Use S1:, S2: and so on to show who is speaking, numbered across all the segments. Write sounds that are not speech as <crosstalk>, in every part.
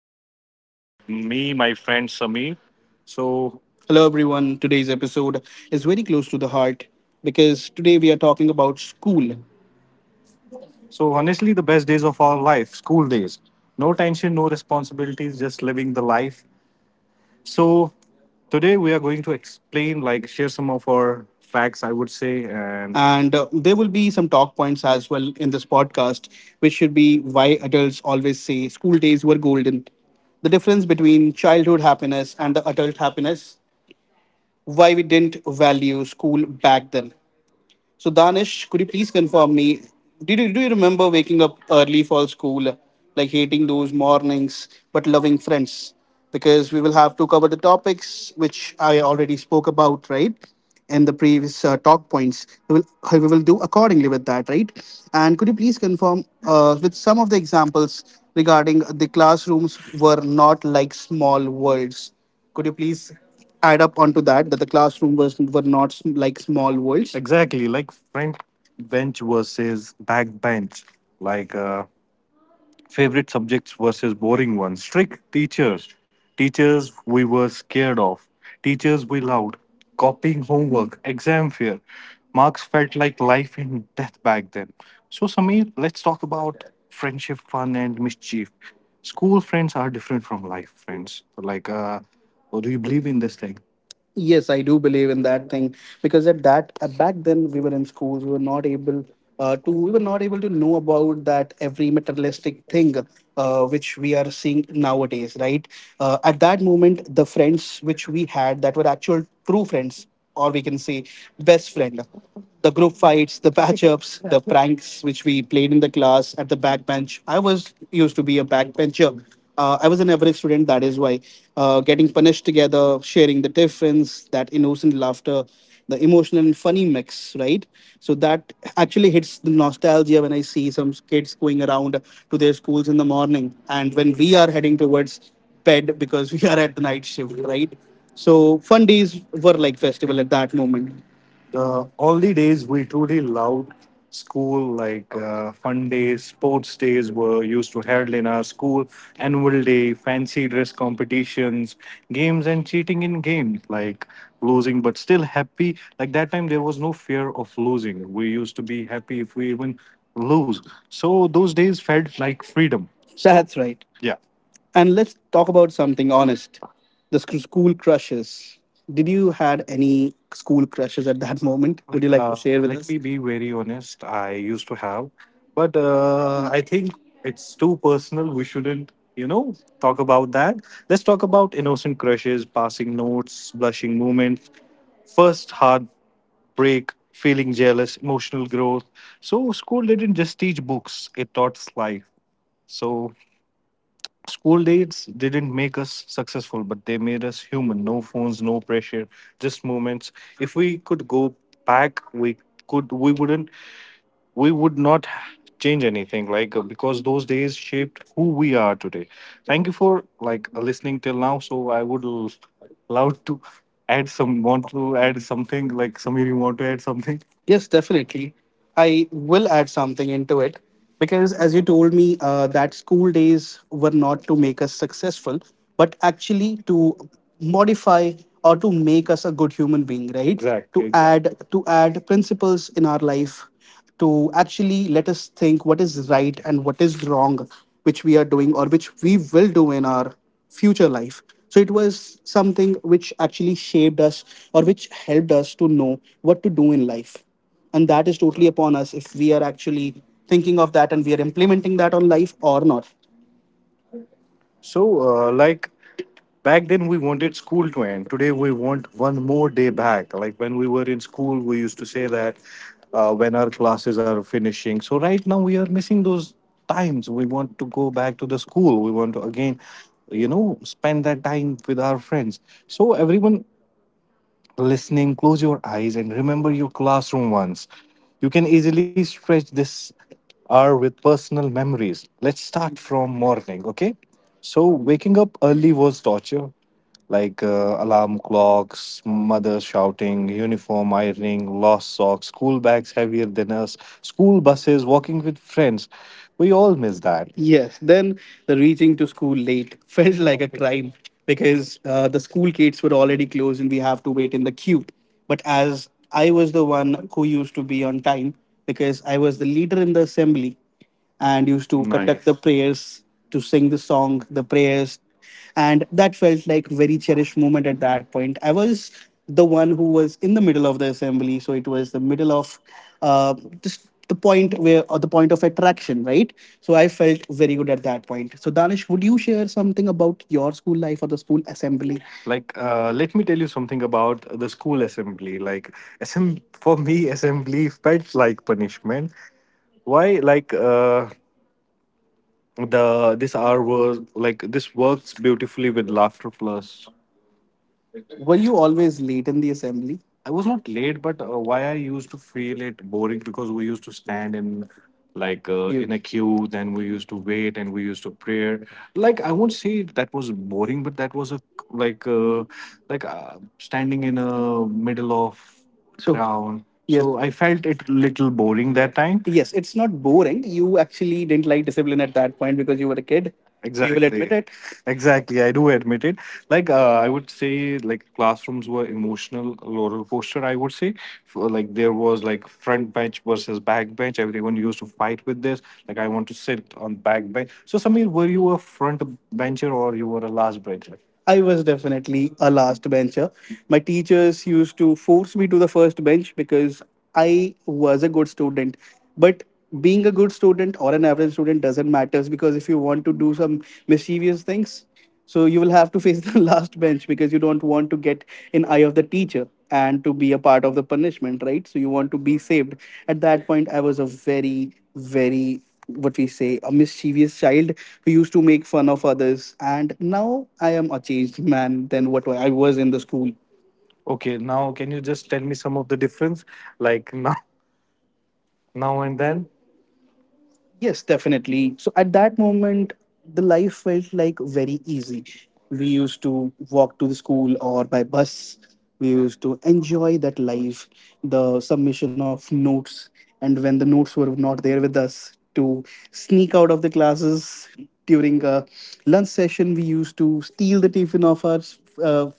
S1: I'm Danish. With me, my friend Sameer. So, Hello, everyone. Today's episode is very close to the heart because today we are talking about school. So honestly, the best days of our life, school days. No tension, no responsibilities, just living the life. So today we are going to explain, like share some of our facts, I would say, and there will be some talk points as well in this podcast, which should be why adults always say school days were golden, the difference between childhood happiness and the adult happiness, why we didn't value school back then. So Danish, could you please confirm me? Did you do you remember waking up early for school, like hating those mornings but loving friends? Because we will have to cover the topics which I already spoke about, right? In the previous talk points, we will do accordingly with that, right? And could you please confirm with some of the examples regarding the classrooms were not like small worlds? Could you please add up onto that, that the classroom was were not like small worlds? Exactly, like front bench versus back bench. Like favorite subjects versus boring ones, strict teachers, we were scared of teachers, we loved copying homework, exam fear, marks felt like life and death back then. So Samir, let's talk about friendship, fun and mischief. School friends are different from life friends. Like do you believe in this thing? Yes, I do believe in that thing, because at that back then we were in schools, we were not able to we were not able to know about that every materialistic thing which we are seeing nowadays, right? At that moment, the friends which we had, that were actual true friends, or we can say best friend. The group fights, the patch-ups, <laughs> the pranks which we played in the class at the backbench. I was used to be a backbencher. I was an average student, that is why. Getting punished together, sharing the tiffins, that innocent laughter, the emotional and funny mix, right? So that actually hits the nostalgia when I see some kids going around to their schools in the morning. And when we are heading towards bed because we are at the night shift, right? So fun days were like festival at that moment. The only days we truly loved school, like fun days, sports days were used to held in our school, annual day, fancy dress competitions, games and cheating in games, like losing but still happy. Like that time there was no fear of losing. We used to be happy if we even lose. So those days felt like freedom. That's right. Yeah. And let's talk about something honest. The school crushes. Did you had any school crushes at that <laughs> moment? Would you like to share with let us? Me be very honest. I used to have, but I think it's too personal. We shouldn't, you know, talk about that. Let's talk about innocent crushes, passing notes, blushing moments, first heartbreak, feeling jealous, emotional growth. So, school didn't just teach books, it taught us life. So, school days didn't make us successful, but they made us human. No phones, no pressure, just moments. If we could go back, we could. We wouldn't we would not change anything, like because those days shaped who we are today. Thank you for like listening till now. So I would love to add some, want to add something, like some of you want to add something. Yes, definitely. I will add something into it because, as you told me, that school days were not to make us successful, but actually to modify or to make us a good human being, right? Exactly. To exactly add to add principles in our life, to actually let us think what is right and what is wrong, which we are doing or which we will do in our future life. So it was something which actually shaped us or which helped us to know what to do in life. And that is totally upon us if we are actually thinking of that and we are implementing that on life or not. So, like back then, we wanted school to end. Today, we want one more day back. Like when we were in school, we used to say that when our classes are finishing. So, right now, we are missing those times. We want to go back to the school. We want to again, you know, spend that time with our friends. So, everyone listening, close your eyes and remember your classroom once. You can easily stretch this hour with personal memories. Let's start from morning, okay? So, waking up early was torture, like alarm clocks, mother shouting, uniform ironing, lost socks, school bags heavier than us, school buses, walking with friends. We all miss that. Yes, then the reaching to school late <laughs> felt like a crime because the school gates were already closed and we have to wait in the queue. But as I was the one who used to be on time, because I was the leader in the assembly and used to conduct the Nice. prayers, to sing the song, the prayers, and that felt like very cherished moment at that point. I was the one who was in the middle of the assembly, so it was the middle of uh, just the point where or the point of attraction, right? So I felt very good at that point. So Danish, would you share something about your school life or the school assembly? Like let me tell you something about the school assembly. Like for me assembly felt like punishment. Why? Like the this hour was like, this works beautifully with laughter plus, were you always late in the assembly? I was not late, but why I used to feel it boring, because we used to stand in like You in You. A queue, then we used to wait and we used to pray. Like I won't say that was boring, but that was a like standing in a middle of so crowd. Yes, so I felt it little boring that time. Yes. It's not boring. You actually didn't like discipline at that point because you were a kid, you will admit Exactly. it. Exactly. I do admit it. Like, I would say, like, classrooms were emotional roller coaster, I would say. For, like, there was like front bench versus back bench. Everyone used to fight with this. Like, I want to sit on back bench. So, Samir, were you a front bencher or you were a last bencher? I was definitely a last bencher. My teachers used to force me to the first bench because I was a good student. But being a good student or an average student doesn't matter, because if you want to do some mischievous things, so you will have to face <laughs> the last bench, because you don't want to get in eye of the teacher and to be a part of the punishment, right? So you want to be saved. At that point, I was a very what we say a mischievous child who used to make fun of others, and now I am a changed man than what I was in the school. Okay, now can you just tell me some of the difference, like now, now and then? Yes, definitely. So at that moment, the life felt like very easy. We used to walk to the school or by bus. We used to enjoy that life, the submission of notes. And when the notes were not there with us, to sneak out of the classes during a lunch session, we used to steal the tiffin of our uh,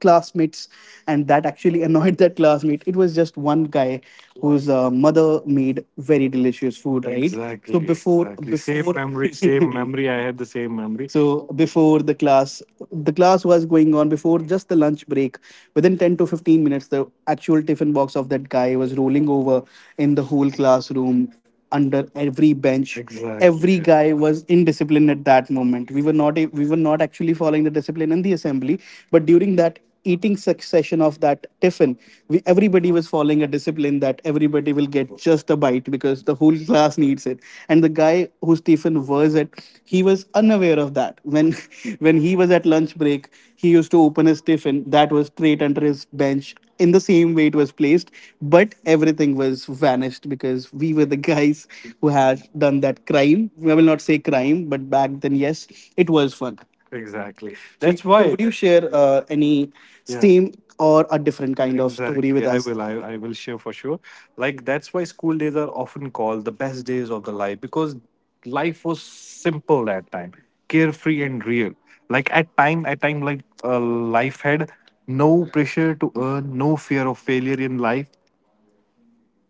S1: classmates, and that actually <laughs> annoyed that classmate. It was just one guy whose mother made very delicious food, right? Exactly. So Exactly, before exactly. Same before memory, same <laughs> memory. I had the same memory. So before the class, the class was going on before just the lunch break, within 10 to 15 minutes the actual tiffin box of that guy was rolling over in the whole classroom under every bench. Every Exactly. guy was indisciplined at that moment. We were not a, we were not actually following the discipline in the assembly, but during that eating succession of that tiffin, we everybody was following a discipline that everybody will get just a bite because the whole class needs it. And the guy whose tiffin was that, he was unaware of that. When <laughs> when he was at lunch break, he used to open his tiffin that was straight under his bench in the same way it was placed, but everything was vanished because we were the guys who had done that crime. I will not say crime, but back then, yes, it was fun. Exactly. See, that's why. Would you share any, yeah, steam or a different kind of story with, exactly, I us? Will. I will share for sure. Like, that's why school days are often called the best days of the life, because life was simple that time, carefree and real. Like at time, like life had no pressure to earn, no fear of failure in life,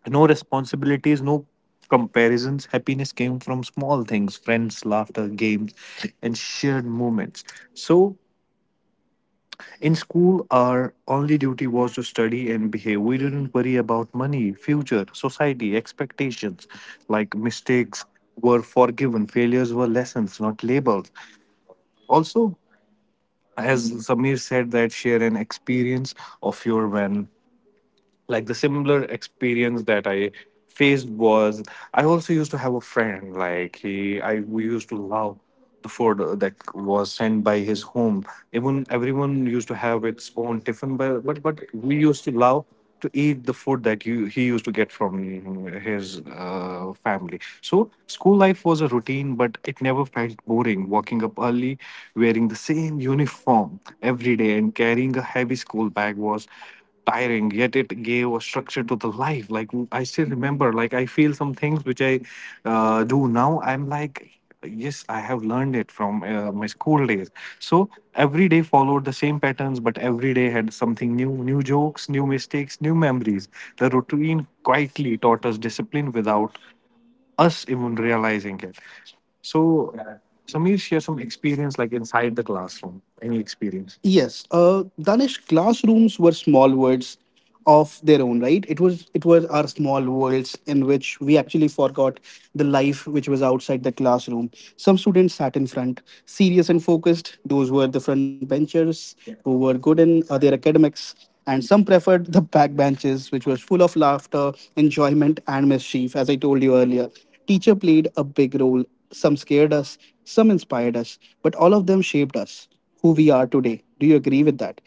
S1: no responsibilities, no comparisons. Happiness came from small things, friends, laughter, games, and shared moments. So in school, our only duty was to study and behave. We didn't worry about money, future, society, expectations. Like, mistakes were forgiven, failures were lessons, not labels. Also, as Samir said, that share an experience of your, when like the similar experience that I faced was, I also used to have a friend like, he I we used to love the food that was sent by his home, even everyone used to have its own tiffin, but but we used to love to eat the food that you he used to get from his family. So school life was a routine, but it never felt boring. Walking up early, wearing the same uniform every day and carrying a heavy school bag was tiring, yet it gave a structure to the life. Like I still remember, like I feel some things which I do now, I'm like, yes, I have learned it from my school days. So every day followed the same patterns, but every day had something new, new jokes, new mistakes, new memories. The routine quietly taught us discipline without us even realizing it. So, Samir, share some experience like inside the classroom. Any experience? Yes, Danish, classrooms were small worlds of their own, right? It was our small worlds in which we actually forgot the life which was outside the classroom. Some students sat in front, serious and focused. Those were the front benchers who were good in their academics. And some preferred the back benches, which was full of laughter, enjoyment, and mischief, as I told you earlier. Teacher played a big role. Some scared us, some inspired us, but all of them shaped us, who we are today. Do you agree with that?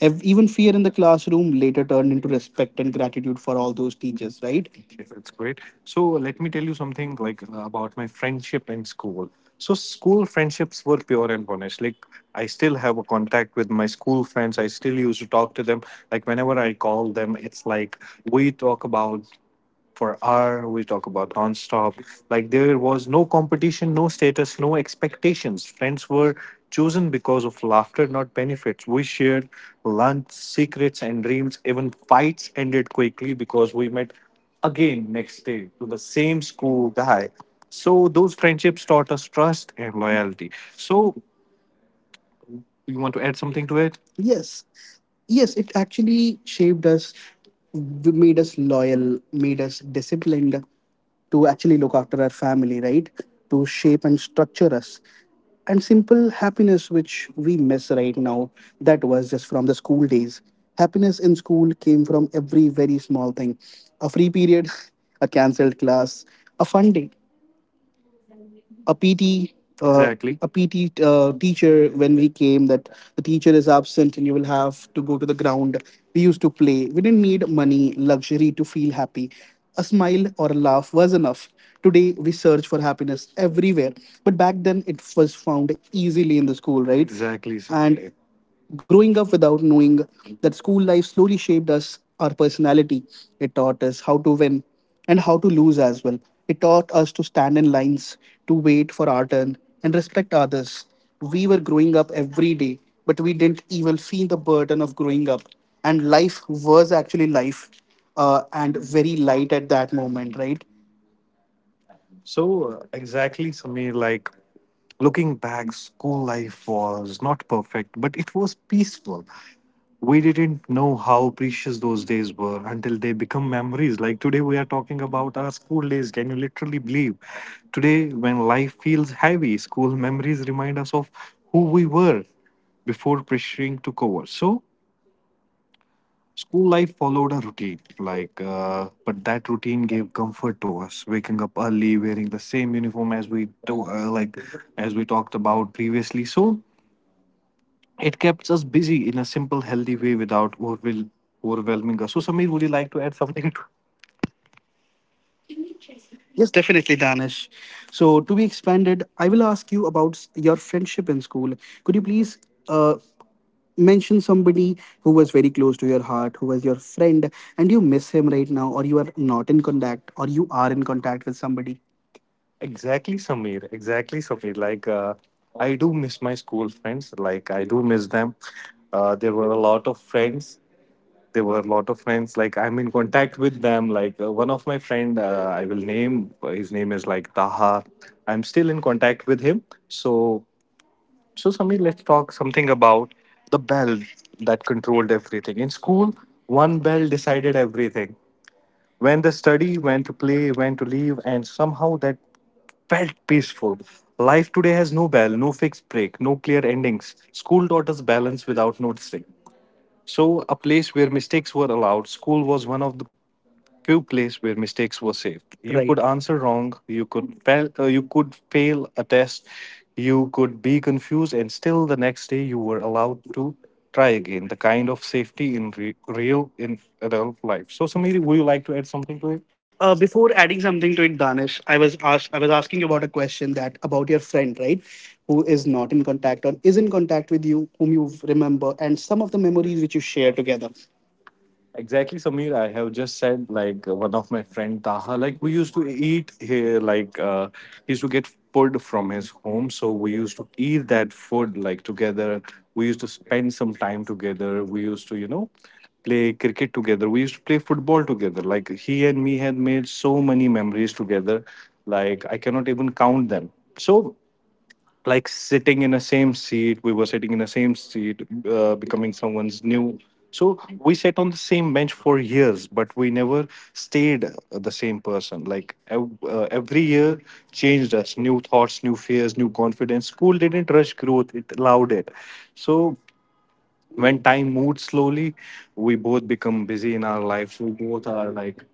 S1: Even fear in the classroom later turned into respect and gratitude for all those teachers, right? Okay, that's great. So let me tell you something like about my friendship in school. So school friendships were pure and honest. Like, I still have a contact with my school friends. I still used to talk to them. Like, whenever I call them, it's like we talk about for hour, we talk about non-stop. Like, there was no competition, no status, no expectations. Friends were chosen because of laughter, not benefits. We shared lunch, secrets and dreams. Even fights ended quickly because we met again next day to the same school guy. So those friendships taught us trust and loyalty. So you want to add something to it? Yes, yes, it actually shaped us, made us loyal, made us disciplined to actually look after our family, right? To shape and structure us. And simple happiness, which we miss right now, that was just from the school days. Happiness in school came from every very small thing, a free period, <laughs> a cancelled class, a fun day, a PT Exactly. a PT teacher, when we came that the teacher is absent and you will have to go to the ground. We used to play. We didn't need money, luxury to feel happy. A smile or a laugh was enough. Today we search for happiness everywhere, but back then it was found easily in the school, right? Exactly, sir. And right. Growing up without knowing that school life slowly shaped us, our personality. It taught us how to win and how to lose as well. It taught us to stand in lines, to wait for our turn, and respect others. We were growing up every day, but we didn't even feel the burden of growing up. And life was actually life and very light at that moment, right? So, exactly, Samir, like, looking back, school life was not perfect, but it was peaceful. We didn't know how precious those days were until they become memories. Like today, we are talking about our school days. Can you literally believe? Today, when life feels heavy, school memories remind us of who we were before pressuring took over. So, school life followed a routine, like, but that routine gave comfort to us. Waking up early, wearing the same uniform as we do, like, as we talked about previously. So it kept us busy in a simple, healthy way without overwhelming us. So Samir, would you like to add something? Yes, definitely, Danish. So, to be expanded, I will ask you about your friendship in school. Could you please uh, mention somebody who was very close to your heart, who was your friend, and you miss him right now, or you are not in contact, or you are in contact with somebody? Exactly, Samir. Exactly, Samir. Like, I do miss my school friends. Like, I do miss them. There were a lot of friends, there were a lot of friends, like I'm in contact with them. Like, one of my friend, I will name, his name is like Taha. I'm still in contact with him. So, so Samir, let's talk something about the bell that controlled everything in school. One bell decided everything, when to study, when to play, when to leave, and somehow that felt peaceful. Life today has no bell, no fixed break, no clear endings. School taught us balance without noticing. So, a place where mistakes were allowed, school was one of the few place where mistakes were safe. You right. Could answer wrong, you could fail a test, you could be confused, and still the next day you were allowed to try again. The kind of safety in real in adult life. So, Samiri, would you like to add something to it? Before adding something to it, Danish, I was asked, I was asking you about a question that about your friend, right, who is not in contact or is in contact with you, whom you remember, and some of the memories which you share together. Exactly, Samir. I have just said like, one of my friend Taha, like we used to eat here, like, he used to get food from his home, so we used to eat that food like together. We used to spend some time together. We used to, you know, play cricket together. We used to play football together. Like he and me had made so many memories together, like I cannot even count them. So like sitting in the same seat, we were sitting in the same seat, becoming someone's new. So we sat on the same bench for years, but we never stayed the same person. Like every year changed us, new thoughts, new fears, new confidence. School didn't rush growth, it allowed it. So when time moved slowly, we both become busy in our lives. We both are like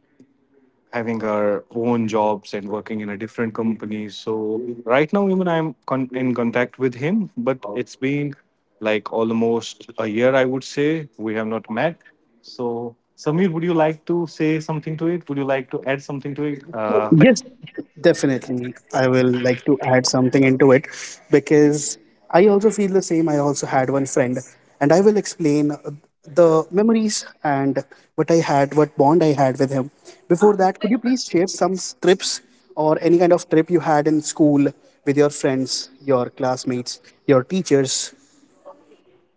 S1: having our own jobs and working in a different company. So right now, even I'm in contact with him, but it's been like almost a year, I would say. We have not met. So Samir, would you like to say something to it? Would you like to add something to it? Like,
S2: Yes, definitely. I will like to add something into it because I also feel the same. I also had one friend, and I will explain the memories and what I had, what bond I had with him. Before that, could you please share some trips or any kind of trip you had in school with your friends, your classmates, your teachers?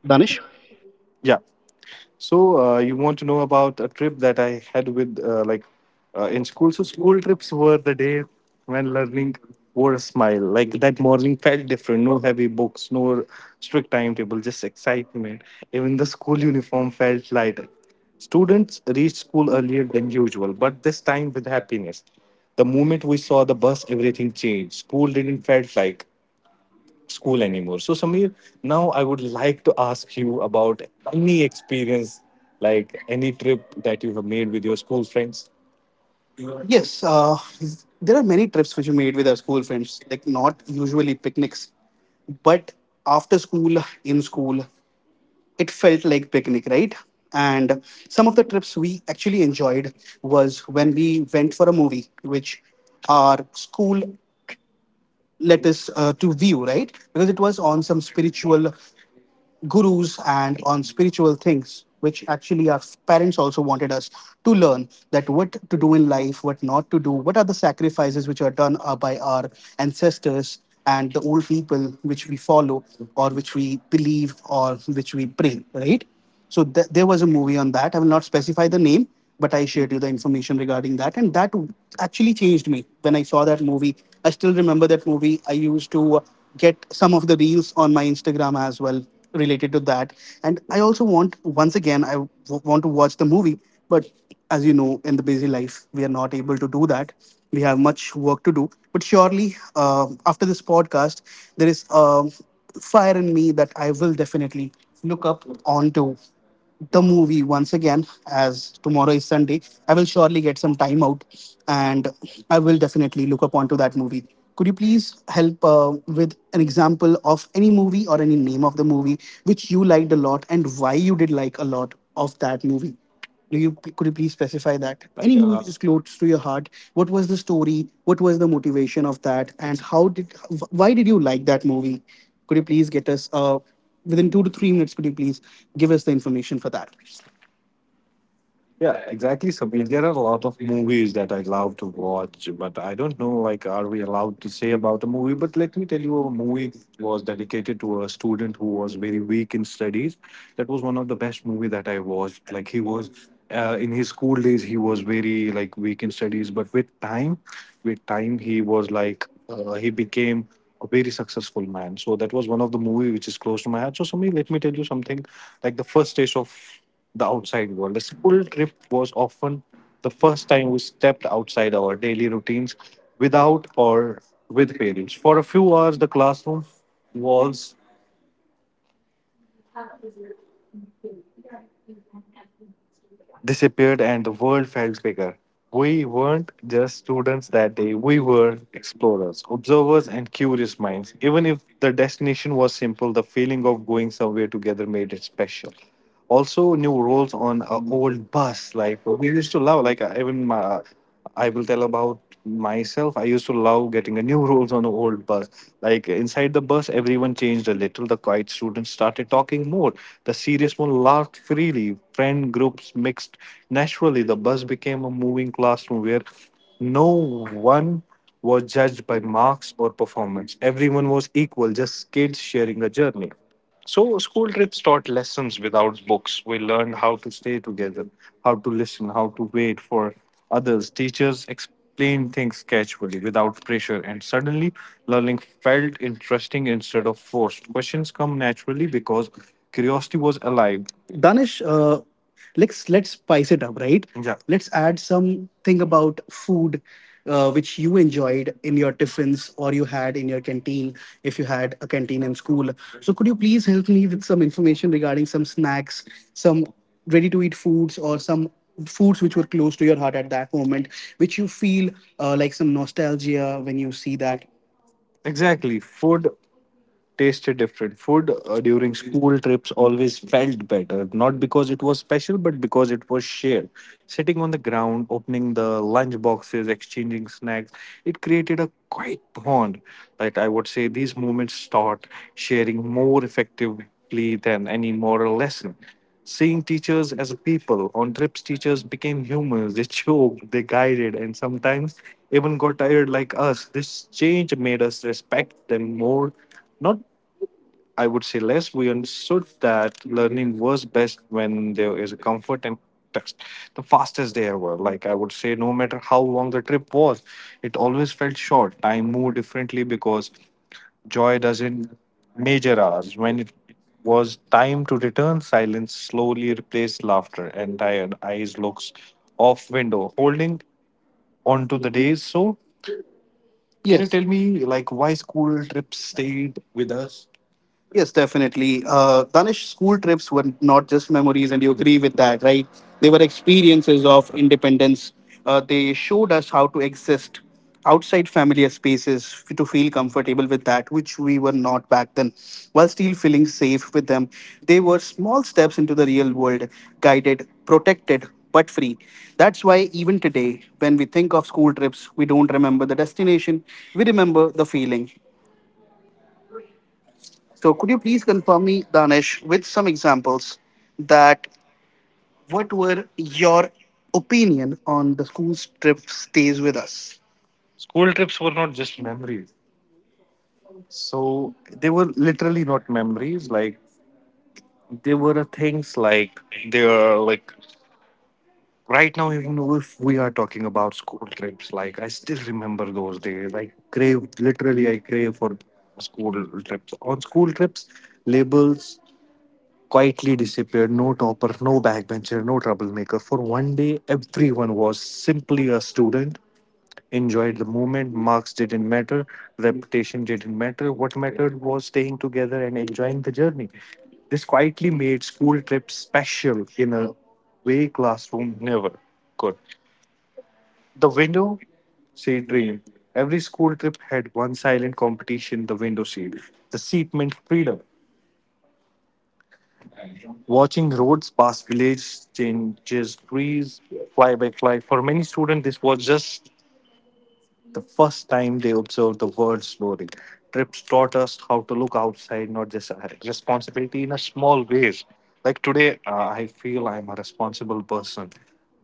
S2: Danish?
S1: yeah. So you want to know about a trip that I had with like in school. So school trips were the days when learning wore a smile. Like, that morning felt different. No heavy books, no strict timetable, just excitement. Even the school uniform felt lighter. Students reached school earlier than usual, but this time with happiness. The moment we saw the bus, everything changed. School didn't felt like school anymore. So, Samir, now I would like to ask you about any experience, like any trip that you have made with your school friends. Yes, there are many trips which we made with our school friends, like not usually picnics, but after school, in school, it felt like picnic, right? And some of the trips we actually enjoyed was when we went for a movie, which our school let us to view, right? Because it was on some spiritual gurus and on spiritual things which actually our parents also wanted us to learn, that what to do in life, what not to do, what are the sacrifices which are done by our ancestors and the old people which we follow or which we believe or which we pray, right? So there was a movie on that. I will not specify the name, but I shared you the information regarding that, and that actually changed me when I saw that movie. I still remember that movie. I used to get some of the reels on my Instagram as well related to that, and I also want, once again I want to watch the movie, but as you know, in the busy life, we are not able to do that. We have much work to do, but surely after this podcast, there is. Fire in me that I will definitely look up onto the movie once again, as tomorrow is Sunday. I will surely get some time out and I will definitely look up onto that movie. Could you please help with an example of any movie or any name of the movie which you liked a lot, and why you did like a lot of that movie? Do you, could you please specify that? Any movie which is close to your heart. What was the story? What was the motivation of that? And how did why did you like that movie? Could you please get us within 2 to 3 minutes? Could you please give us the information for that? Yeah, exactly, Sabir. There are a lot of movies that I love to watch, but I don't know, like, are we allowed to say about a movie? But let me tell you, a movie was dedicated to a student who was very weak in studies. That was one of the best movie that I watched. Like, he was, in his school days, he was very, like, weak in studies. But with time, he was, like, he became a very successful man. So that was one of the movie which is close to my heart. So, Samir, let me tell you something. Like, the first taste of the outside world. The school trip was often the first time we stepped outside our daily routines without or with parents. For a few hours, the classroom walls disappeared and the world felt bigger. We weren't just students that day, we were explorers, observers, and curious minds. Even if the destination was simple, the feeling of going somewhere together made it special. Also new roles on a old bus, like we used to love, like even my, I will tell about myself. I used to love getting a new rules on the old bus. Like inside the bus, everyone changed a little. The quiet students started talking more. The serious one laughed freely. Friend groups mixed naturally. The bus became a moving classroom where no one was judged by marks or performance. Everyone was equal, just kids sharing a journey. So school trips taught lessons without books. We learned how to stay together, how to listen, how to wait for others. Teachers explained things casually without pressure, and suddenly learning felt interesting instead of forced. Questions come naturally because curiosity was alive. Danish, let's spice it up, right? Yeah. Let's add something about food, which you enjoyed in your tiffins or you had in your canteen, if you had a canteen in school. So could you please help me with some information regarding some snacks, some ready-to-eat foods, or some foods which were close to your heart at that moment, which you feel like some nostalgia when you see that? Exactly. Food tasted different. Food during school trips always felt better, not because it was special, but because it was shared. Sitting on the ground, opening the lunch boxes, exchanging snacks, it created a quiet bond that I would say these moments start sharing more effectively than any moral lesson. Seeing teachers as a people on trips, teachers became humans. They joked, they guided, and sometimes even got tired like us. This change made us respect them more, not I would say less. We understood that learning was best when there is a comfort and text. The fastest they ever. Like I would say, no matter how long the trip was, it always felt short. Time moved differently because joy doesn't measure hours. When it was time to return, silence slowly replaced laughter, and tired eyes looks off window, holding onto the days. So, can you, yes, tell me like why school trips stayed with us? Yes, definitely. Danish, school trips were not just memories, and you agree with that, right? They were experiences of independence. They showed us how to exist outside familiar spaces to feel comfortable with that, which we were not back then, while still feeling safe with them. They were small steps into the real world, guided, protected, but free. That's why even today, when we think of school trips, we don't remember the destination, we remember the feeling. So could you please confirm me, Danish, with some examples that what were your opinion on the school trip stays with us? School trips were not just memories. So they were literally not memories. Like they were things like they are like right now, even if we are talking about school trips, like I still remember those days. I crave, literally I crave for school trips. On school trips, labels quietly disappeared. No topper, no backbencher, no troublemaker. For one day, everyone was simply a student, enjoyed the moment. Marks didn't matter, reputation didn't matter. What mattered was staying together and enjoying the journey. This quietly made school trips special in a way classroom never could. The window seat dream. Every school trip had one silent competition, the window seat. The seat meant freedom. Watching roads pass, villages, changes trees, fly by fly. For many students, this was just the first time they observed the world slowly. Trips taught us how to look outside, not just ahead. Responsibility in a small ways. Like today, I feel I'm a responsible person,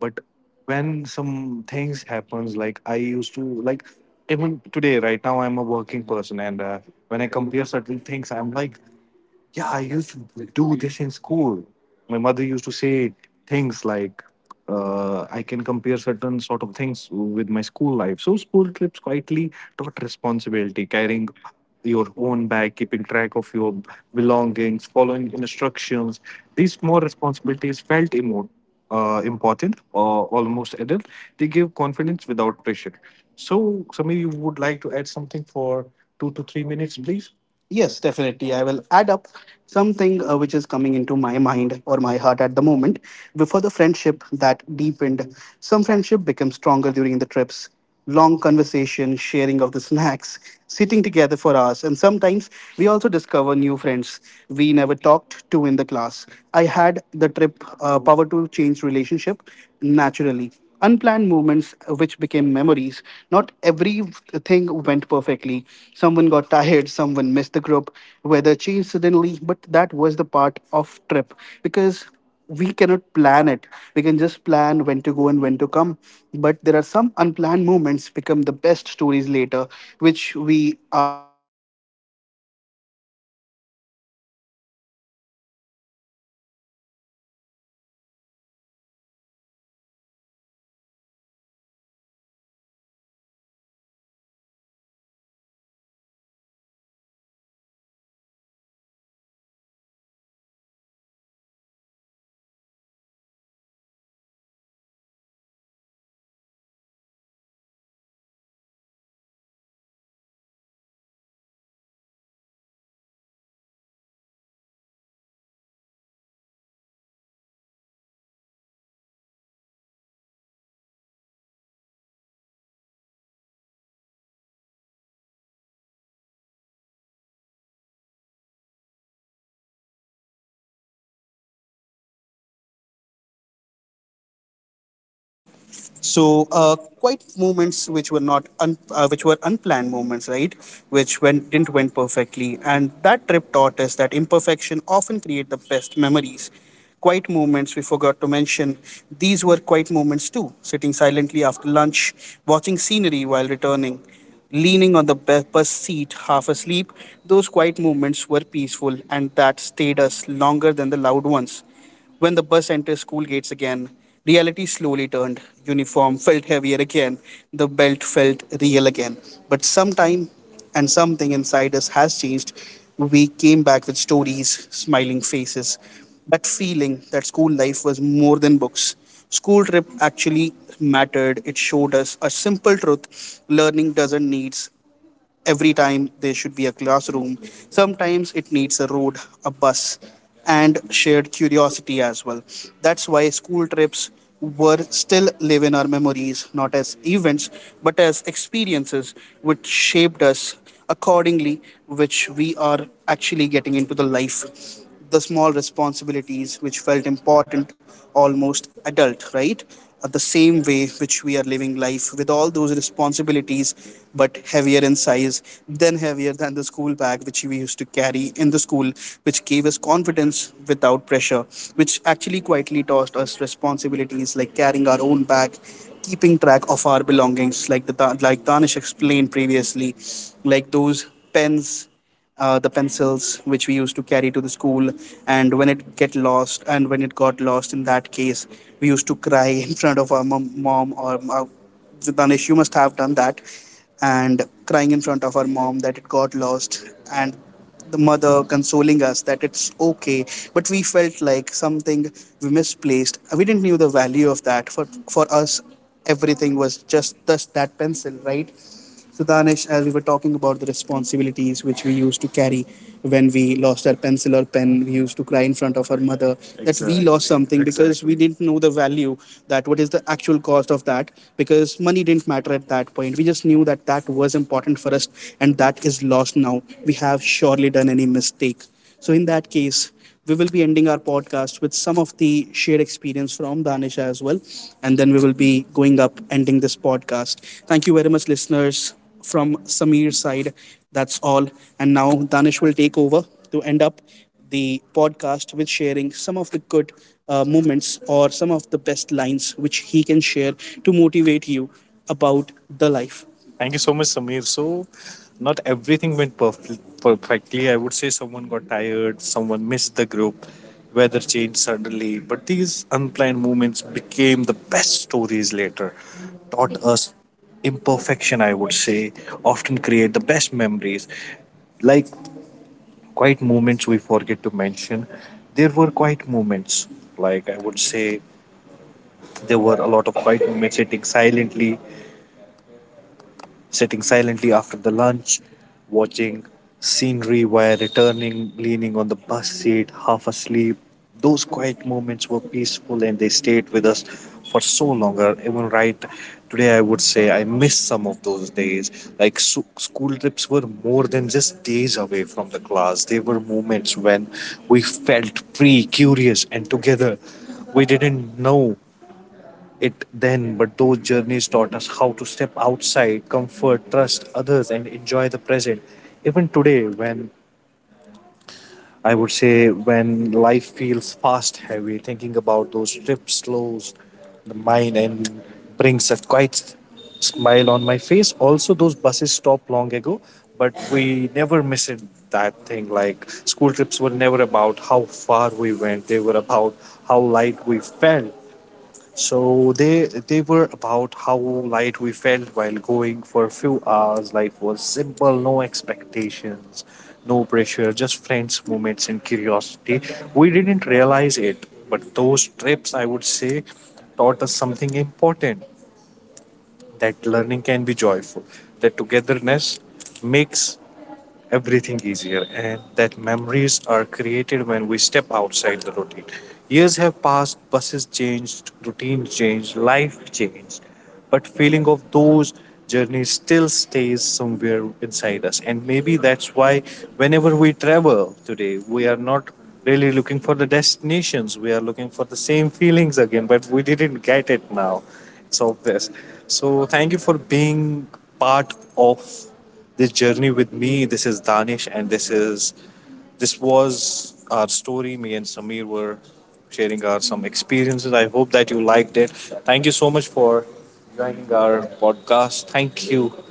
S1: but when some things happens, like I used to, like even today, right now, I'm a working person, and when I compare certain things, I'm like, yeah, I used to do this in school. My mother used to say things like, I can compare certain sort of things with my school life. So, school trips quietly taught responsibility, carrying your own bag, keeping track of your belongings, following instructions. These small responsibilities felt important or almost adult. They give confidence without pressure. So, Samir, you would like to add something for 2 to 3 minutes, please? Yes, definitely. I will add up something which is coming into my mind or my heart at the moment. Before the friendship that deepened, some friendship becomes stronger during the trips. Long conversation, sharing of the snacks, sitting together for hours, and sometimes we also discover new friends we never talked to in the class. I had the trip power to change relationship naturally, unplanned moments which became memories. Not everything went perfectly. Someone got tired, someone missed the group, weather changed suddenly, but that was the part of trip because we cannot plan it. We can just plan when to go and when to come, but there are some unplanned moments
S2: So quite movements which were not which were unplanned movements, right? Which went didn't went perfectly, and that trip taught us that imperfection often create the best memories. Quiet moments we forgot to mention. These were quiet moments too. Sitting silently after lunch, watching scenery while returning, leaning on the bus seat, half asleep. Those quiet moments were peaceful, and that stayed us longer than the loud ones. When the bus entered school gates again, reality slowly turned. Uniform felt heavier again. The belt felt real again. But sometime and something inside us has changed. We came back with stories, smiling faces. That feeling that school life was more than books. School trip actually mattered. It showed us a simple truth. Learning doesn't need every time there should be a classroom. Sometimes it needs a road, a bus, and shared curiosity as well. That's why school trips were still live in our memories, not as events, but as experiences which shaped us accordingly, which we are actually getting into the life. The small responsibilities which felt important, almost adult, right? The same way which we are living life with all those responsibilities, but heavier in size, then heavier than the school bag which we used to carry in the school, which gave us confidence without pressure, which actually quietly taught us responsibilities like carrying our own bag, keeping track of our belongings, like the Danish explained previously, like those pens, the pencils which we used to carry to the school, and when it get lost, and when it got lost, in that case, we used to cry <laughs> in front of our mom or our, Danish. You must have done that and crying in front of our mom that it got lost and the mother consoling us that it's okay, but we felt like something we misplaced we didn't knew the value of that for us. Everything was just this, that pencil, right? So, Danish, as we were talking about the responsibilities which we used to carry when we lost our pencil or pen, we used to cry in front of our mother that we Exactly. lost Exactly, something because we Exactly. didn't know the value that what is the actual cost of that because money didn't matter at that point. We just knew that that was important for us and that is lost now. We have surely done any mistake. So, in that case, we will be ending our podcast with some of the shared experience from Danisha as well. And then we will be going up, ending this podcast. Thank you very much, listeners. From Sameer's side, that's all. And now Danish will take over to end up the podcast with sharing some of the good moments or some of the best lines which he can share to motivate you about the life. Thank you so much, Samir. So, not everything went perfectly. I would say someone got tired, someone missed the group, weather changed suddenly. But these unplanned moments became the best stories later. Taught us imperfection, I would say, often create the best memories. Like quiet moments we forget to mention. There were quiet moments, like I would say, there were a lot of quiet moments sitting silently after the lunch, watching scenery while returning, leaning on the bus seat, half asleep. Those quiet moments were peaceful, and they stayed with us for so longer. Even right today, I would say I miss some of those days. Like so, school trips were more than just days away from the class, they were moments when we felt free, curious, and together. We didn't know it then, but those journeys taught us how to step outside, comfort, trust others, and enjoy the present. Even today, when I would say when life feels fast, heavy, thinking about those trips slows the mind and brings a quiet smile on my face. Also, those buses stopped long ago, but we never miss it. That thing, like school trips were never about how far we went, they were about how light we felt, so they were about how light we felt while going for a few hours. Life was simple, no expectations, no pressure, just friends, moments, and curiosity. We didn't realize it, but those trips, I would say, taught us something important: that learning can be joyful, that togetherness makes everything easier, and that memories are created when we step outside the routine. Years have passed, buses changed, routines changed, life changed, but feeling of those journeys still stays somewhere inside us. And maybe that's why whenever we travel today, we are not really looking for the destinations. We are looking for the same feelings again, but we didn't get it now. It's obvious. So thank you for being part of this journey with me. This is Danish, and this was our story. Me and Samir were sharing our some experiences. I hope that you liked it. Thank you so much for joining our podcast. Thank you.